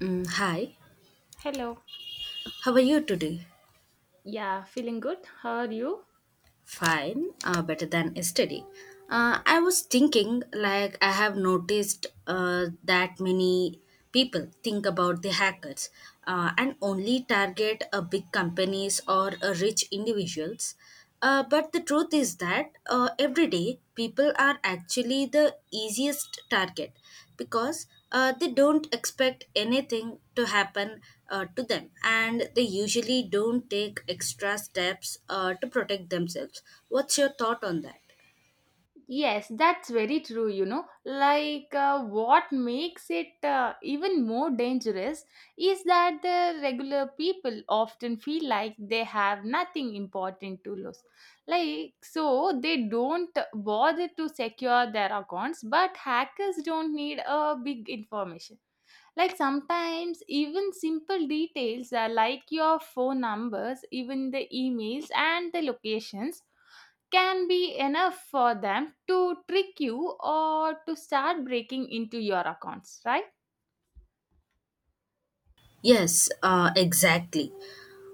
Mm, hi, Hello. how are you today? Yeah, feeling good. How are you? Fine, better than yesterday. I was thinking, like, I have noticed that many people think about the hackers and only target big companies or rich individuals. But the truth is that every day people are actually the easiest target because they don't expect anything to happen to them, and they usually don't take extra steps to protect themselves. What's your thought on that? Yes, that's very true, what makes it even more dangerous is that the regular people often feel like they have nothing important to lose. So they don't bother to secure their accounts, but hackers don't need a big information. Like, sometimes even simple details like your phone numbers, even the emails and the locations can be enough for them to trick you or to start breaking into your accounts, right? Yes, exactly.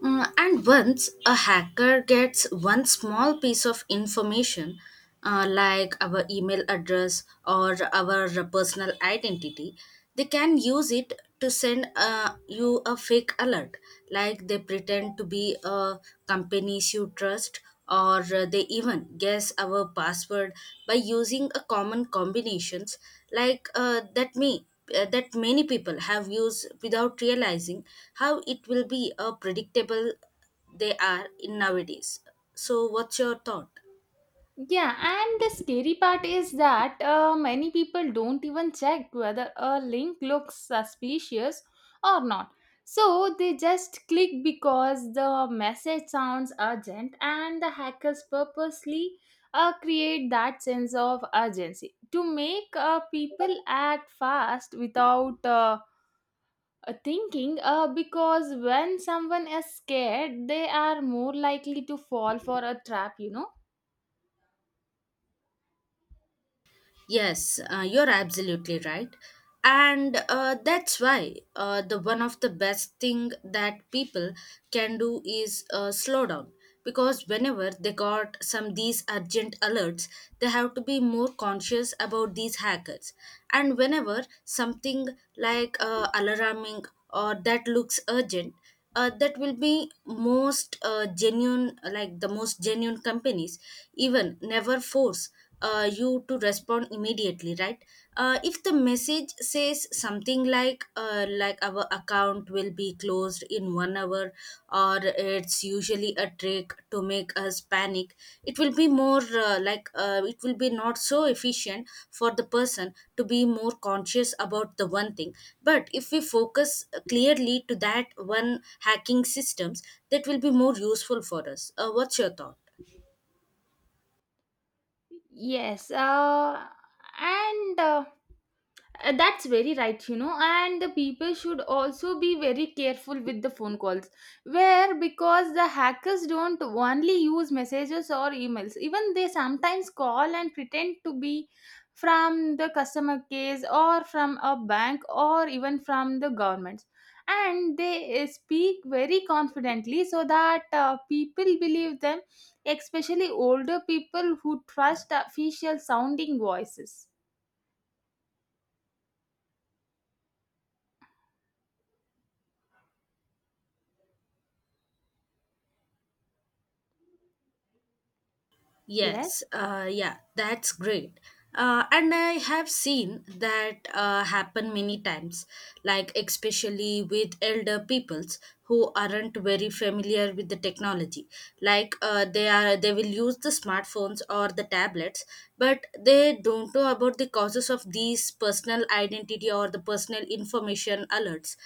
And once a hacker gets one small piece of information, like our email address or our personal identity, they can use it to send you a fake alert. Like they pretend to be a companies you trust, or they even guess our password by using a common combinations like that many people have used without realizing how it will be a predictable they are in nowadays. So what's your thought? Yeah, and the scary part is that many people don't even check whether a link looks suspicious or not. So they just click because the message sounds urgent, and the hackers purposely create that sense of urgency to make people act fast without. Thinking, because when someone is scared they are more likely to fall for a trap, Yes, you're absolutely right. And that's why the one of the best thing that people can do is slow down, because whenever they got some these urgent alerts, they have to be more conscious about these hackers. And whenever something like alarming or that looks urgent, that will be most genuine, like the most genuine companies, even never force you to respond immediately, right? If the message says something like our account will be closed in 1 hour, or it's usually a trick to make us panic. It will be not so efficient for the person to be more conscious about the one thing. But if we focus clearly to that one hacking systems, that will be more useful for us. What's your thought? yes, and that's very right, you know, and the people should also be very careful with the phone calls. Where because the hackers don't only use messages or emails, even they sometimes call and pretend to be from the customer case or from a bank or even from the government. And they speak very confidently so that people believe them, especially older people who trust official sounding voices. Yes. Yes, yeah, that's great. And I have seen that happen many times, like especially with elder peoples who aren't very familiar with the technology. Like they will use the smartphones or the tablets, but they don't know about the causes of these personal identity or the personal information alerts,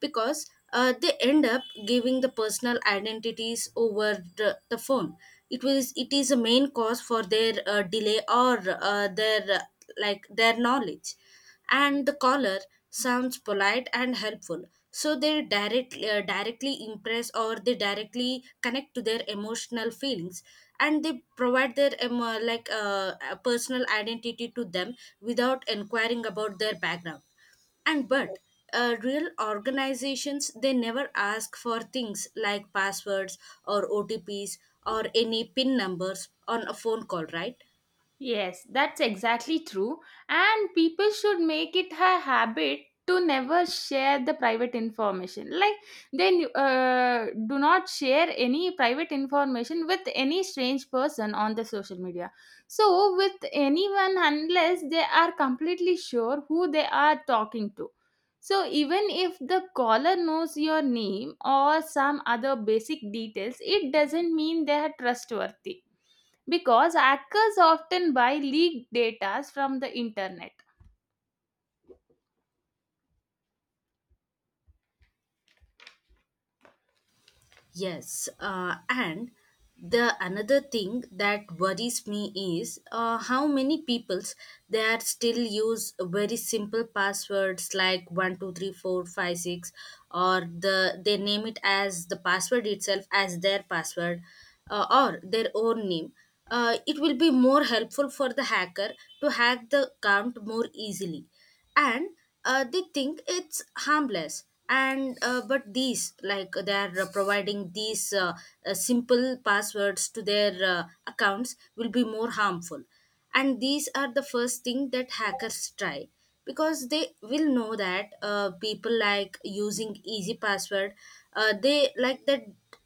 because they end up giving the personal identities over the phone. It is a main cause for their delay or their knowledge, and the caller sounds polite and helpful, so they directly impress or they directly connect to their emotional feelings, and they provide their personal identity to them without inquiring about their background. And but real organizations, they never ask for things like passwords or otps or any pin numbers on a phone call, right? Yes, that's exactly true. And people should make it a habit to never share the private information. Like, then Do not share any private information with any strange person on the social media. So, with anyone, unless they are completely sure who they are talking to. So, even if the caller knows your name or some other basic details, it doesn't mean they are trustworthy because hackers often buy leaked data from the internet. Yes, and the another thing that worries me is how many peoples they are still use very simple passwords like 123456, or they name it as the password itself as their password, or their own name. It will be more helpful for the hacker to hack the account more easily. And they think it's harmless, and but these like they are providing these simple passwords to their accounts will be more harmful. And these are the first thing that hackers try because they will know that people like using easy password. They like that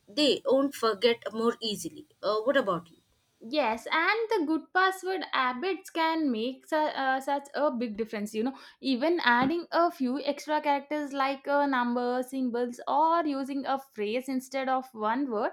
they won't forget more easily. What about you? Yes, and the good password habits can make such a big difference. You know, even adding a few extra characters like a number, symbols, or using a phrase instead of one word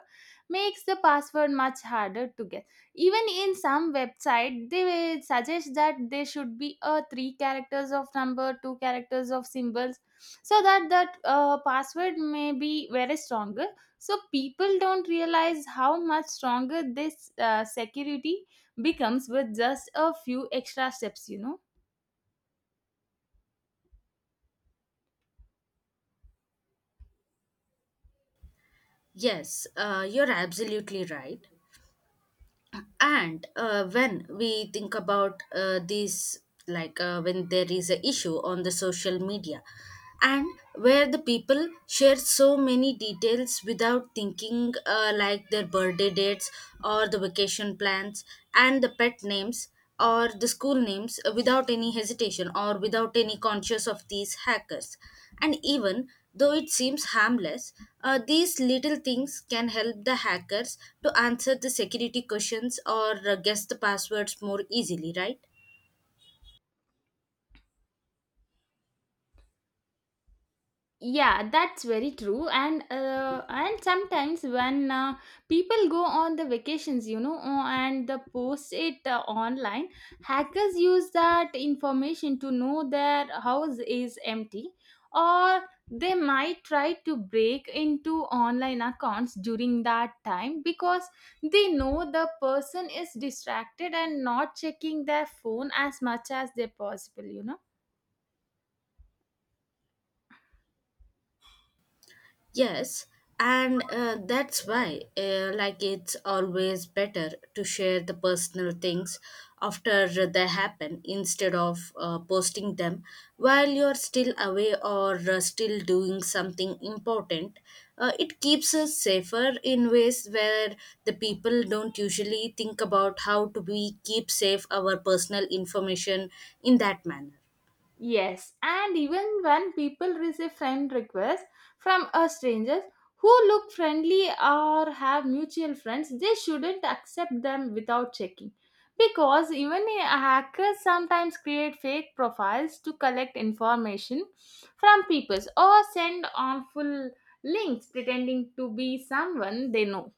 makes the password much harder to guess. Even in some website, they will suggest that there should be a three characters of number, two characters of symbols, so that password may be very strong, so people don't realize how much stronger this security becomes with just a few extra steps, Yes, you're absolutely right. And when we think about these, like when there is an issue on the social media, and where the people share so many details without thinking like their birthday dates or the vacation plans and the pet names or the school names without any hesitation or without any conscious of these hackers. And even though it seems harmless, these little things can help the hackers to answer the security questions or guess the passwords more easily, right? yeah, that's very true. And sometimes when people go on the vacations, you know, and the post it online, hackers use that information to know their house is empty, or they might try to break into online accounts during that time because they know the person is distracted and not checking their phone as much as they possible, Yes, and that's why, like, it's always better to share the personal things after they happen instead of posting them while you're still away or still doing something important. It keeps us safer in ways where the people don't usually think about how to be keep safe our personal information in that manner. Yes, and even when people receive friend requests from us strangers who look friendly or have mutual friends, they shouldn't accept them without checking. Because hackers sometimes create fake profiles to collect information from people or send harmful links pretending to be someone they know.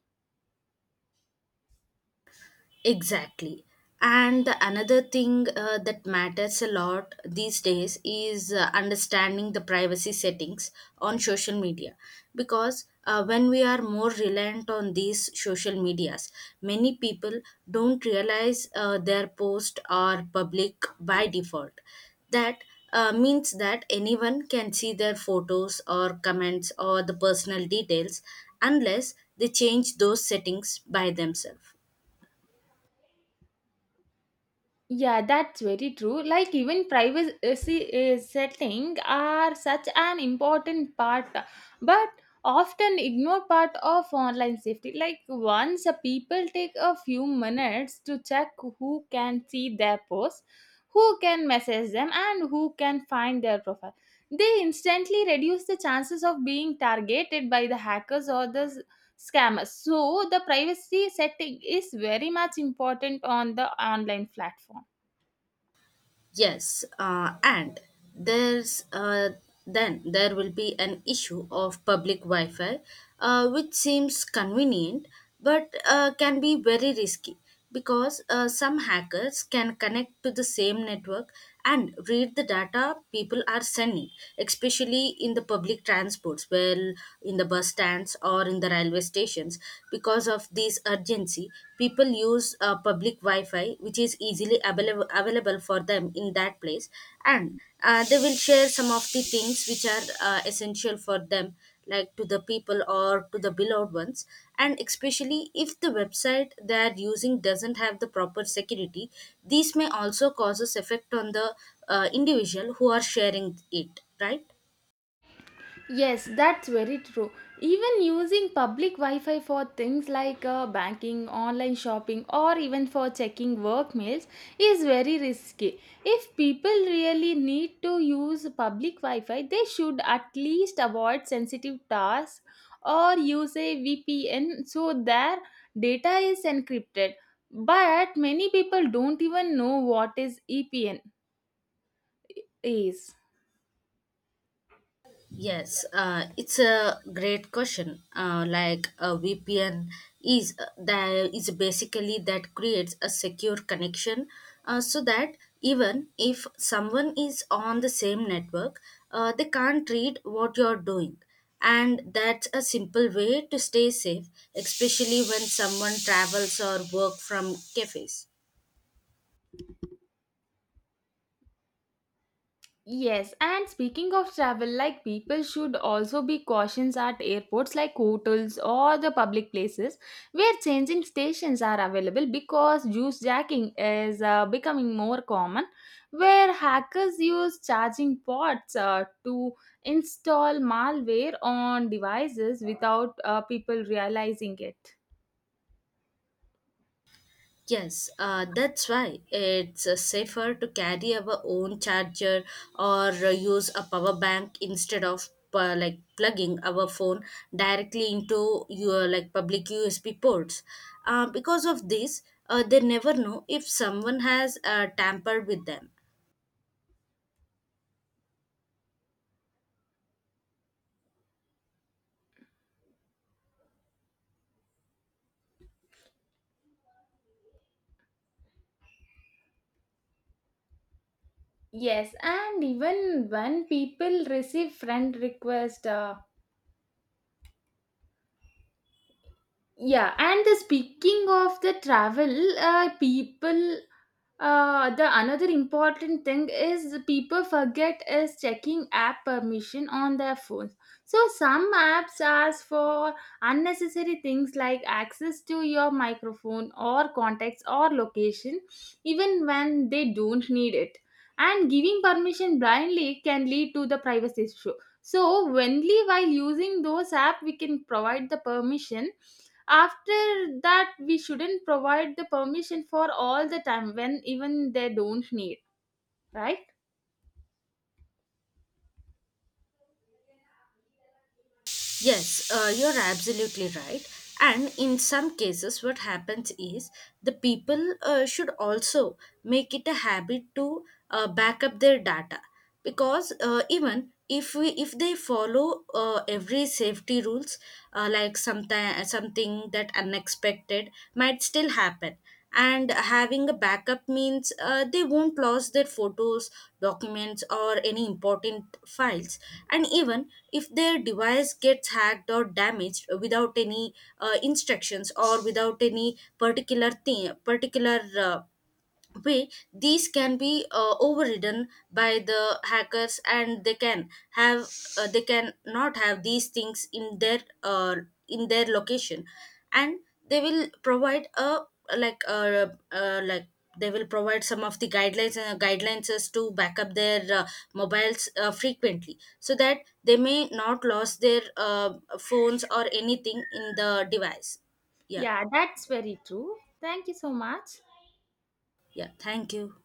Exactly. And the another thing that matters a lot these days is understanding the privacy settings on social media. Because when we are more reliant on these social medias, many people don't realize their posts are public by default. That means that anyone can see their photos or comments or the personal details unless they change those settings by themselves. Yeah, that's very true. Like even privacy setting are such an important part, but often ignored part of online safety. Like once a people take a few minutes to check who can see their posts, who can message them, and who can find their profile, they instantly reduce the chances of being targeted by the hackers or the scammers. So the privacy setting is very much important on the online platform. Yes, and there's then there will be an issue of public Wi-Fi, which seems convenient but can be very risky because some hackers can connect to the same network and read the data people are sending, especially in the public transports, well, in the bus stands or in the railway stations. Because of this urgency, people use public wi-fi which is easily available for them in that place. And they will share some of the things which are essential for them, like to the people or to the beloved ones. And especially if the website they are using doesn't have the proper security, these may also causes effect on the individual who are sharing it, right? Yes, that's very true. Even using public Wi Fi for things like banking, online shopping, or even for checking work mails is very risky. If people really need to use public Wi Fi, they should at least avoid sensitive tasks or use a VPN so their data is encrypted. But many people don't even know what is EPN is. Yes, it's a great question. Like a VPN is that is basically that creates a secure connection, so that even if someone is on the same network, they can't read what you're doing, and that's a simple way to stay safe, especially when someone travels or work from cafes. Yes, and speaking of travel, like people should also be cautious at airports like hotels or the public places where changing stations are available because juice jacking is becoming more common, where hackers use charging ports to install malware on devices without people realizing it. Yes, that's why it's safer to carry our own charger or use a power bank instead of like plugging our phone directly into your like public USB ports. Because of this, they never know if someone has tampered with them. Yes, and even when people receive friend request. Yeah and the speaking of the travel people the another important thing is the people forget is checking app permission on their phones. So some apps ask for unnecessary things like access to your microphone or contacts or location even when they don't need it, and giving permission blindly can lead to the privacy issue. So only while using those app we can provide the permission. After that we shouldn't provide the permission for all the time when even they don't need, right? Yes, you're absolutely right. And in some cases, what happens is the people should also make it a habit to back up their data, because even if they follow every safety rules, like something that unexpected might still happen, and having a backup means they won't lose their photos, documents or any important files, and even if their device gets hacked or damaged without any instructions or without any particular thing particular uh, way. These can be overridden by the hackers, and they can not have these things in their location. And they will provide a like they will provide some of the guidelines as to back up their mobiles frequently so that they may not lose their phones or anything in the device. Yeah, Yeah, that's very true. Thank you so much. yeah, thank you.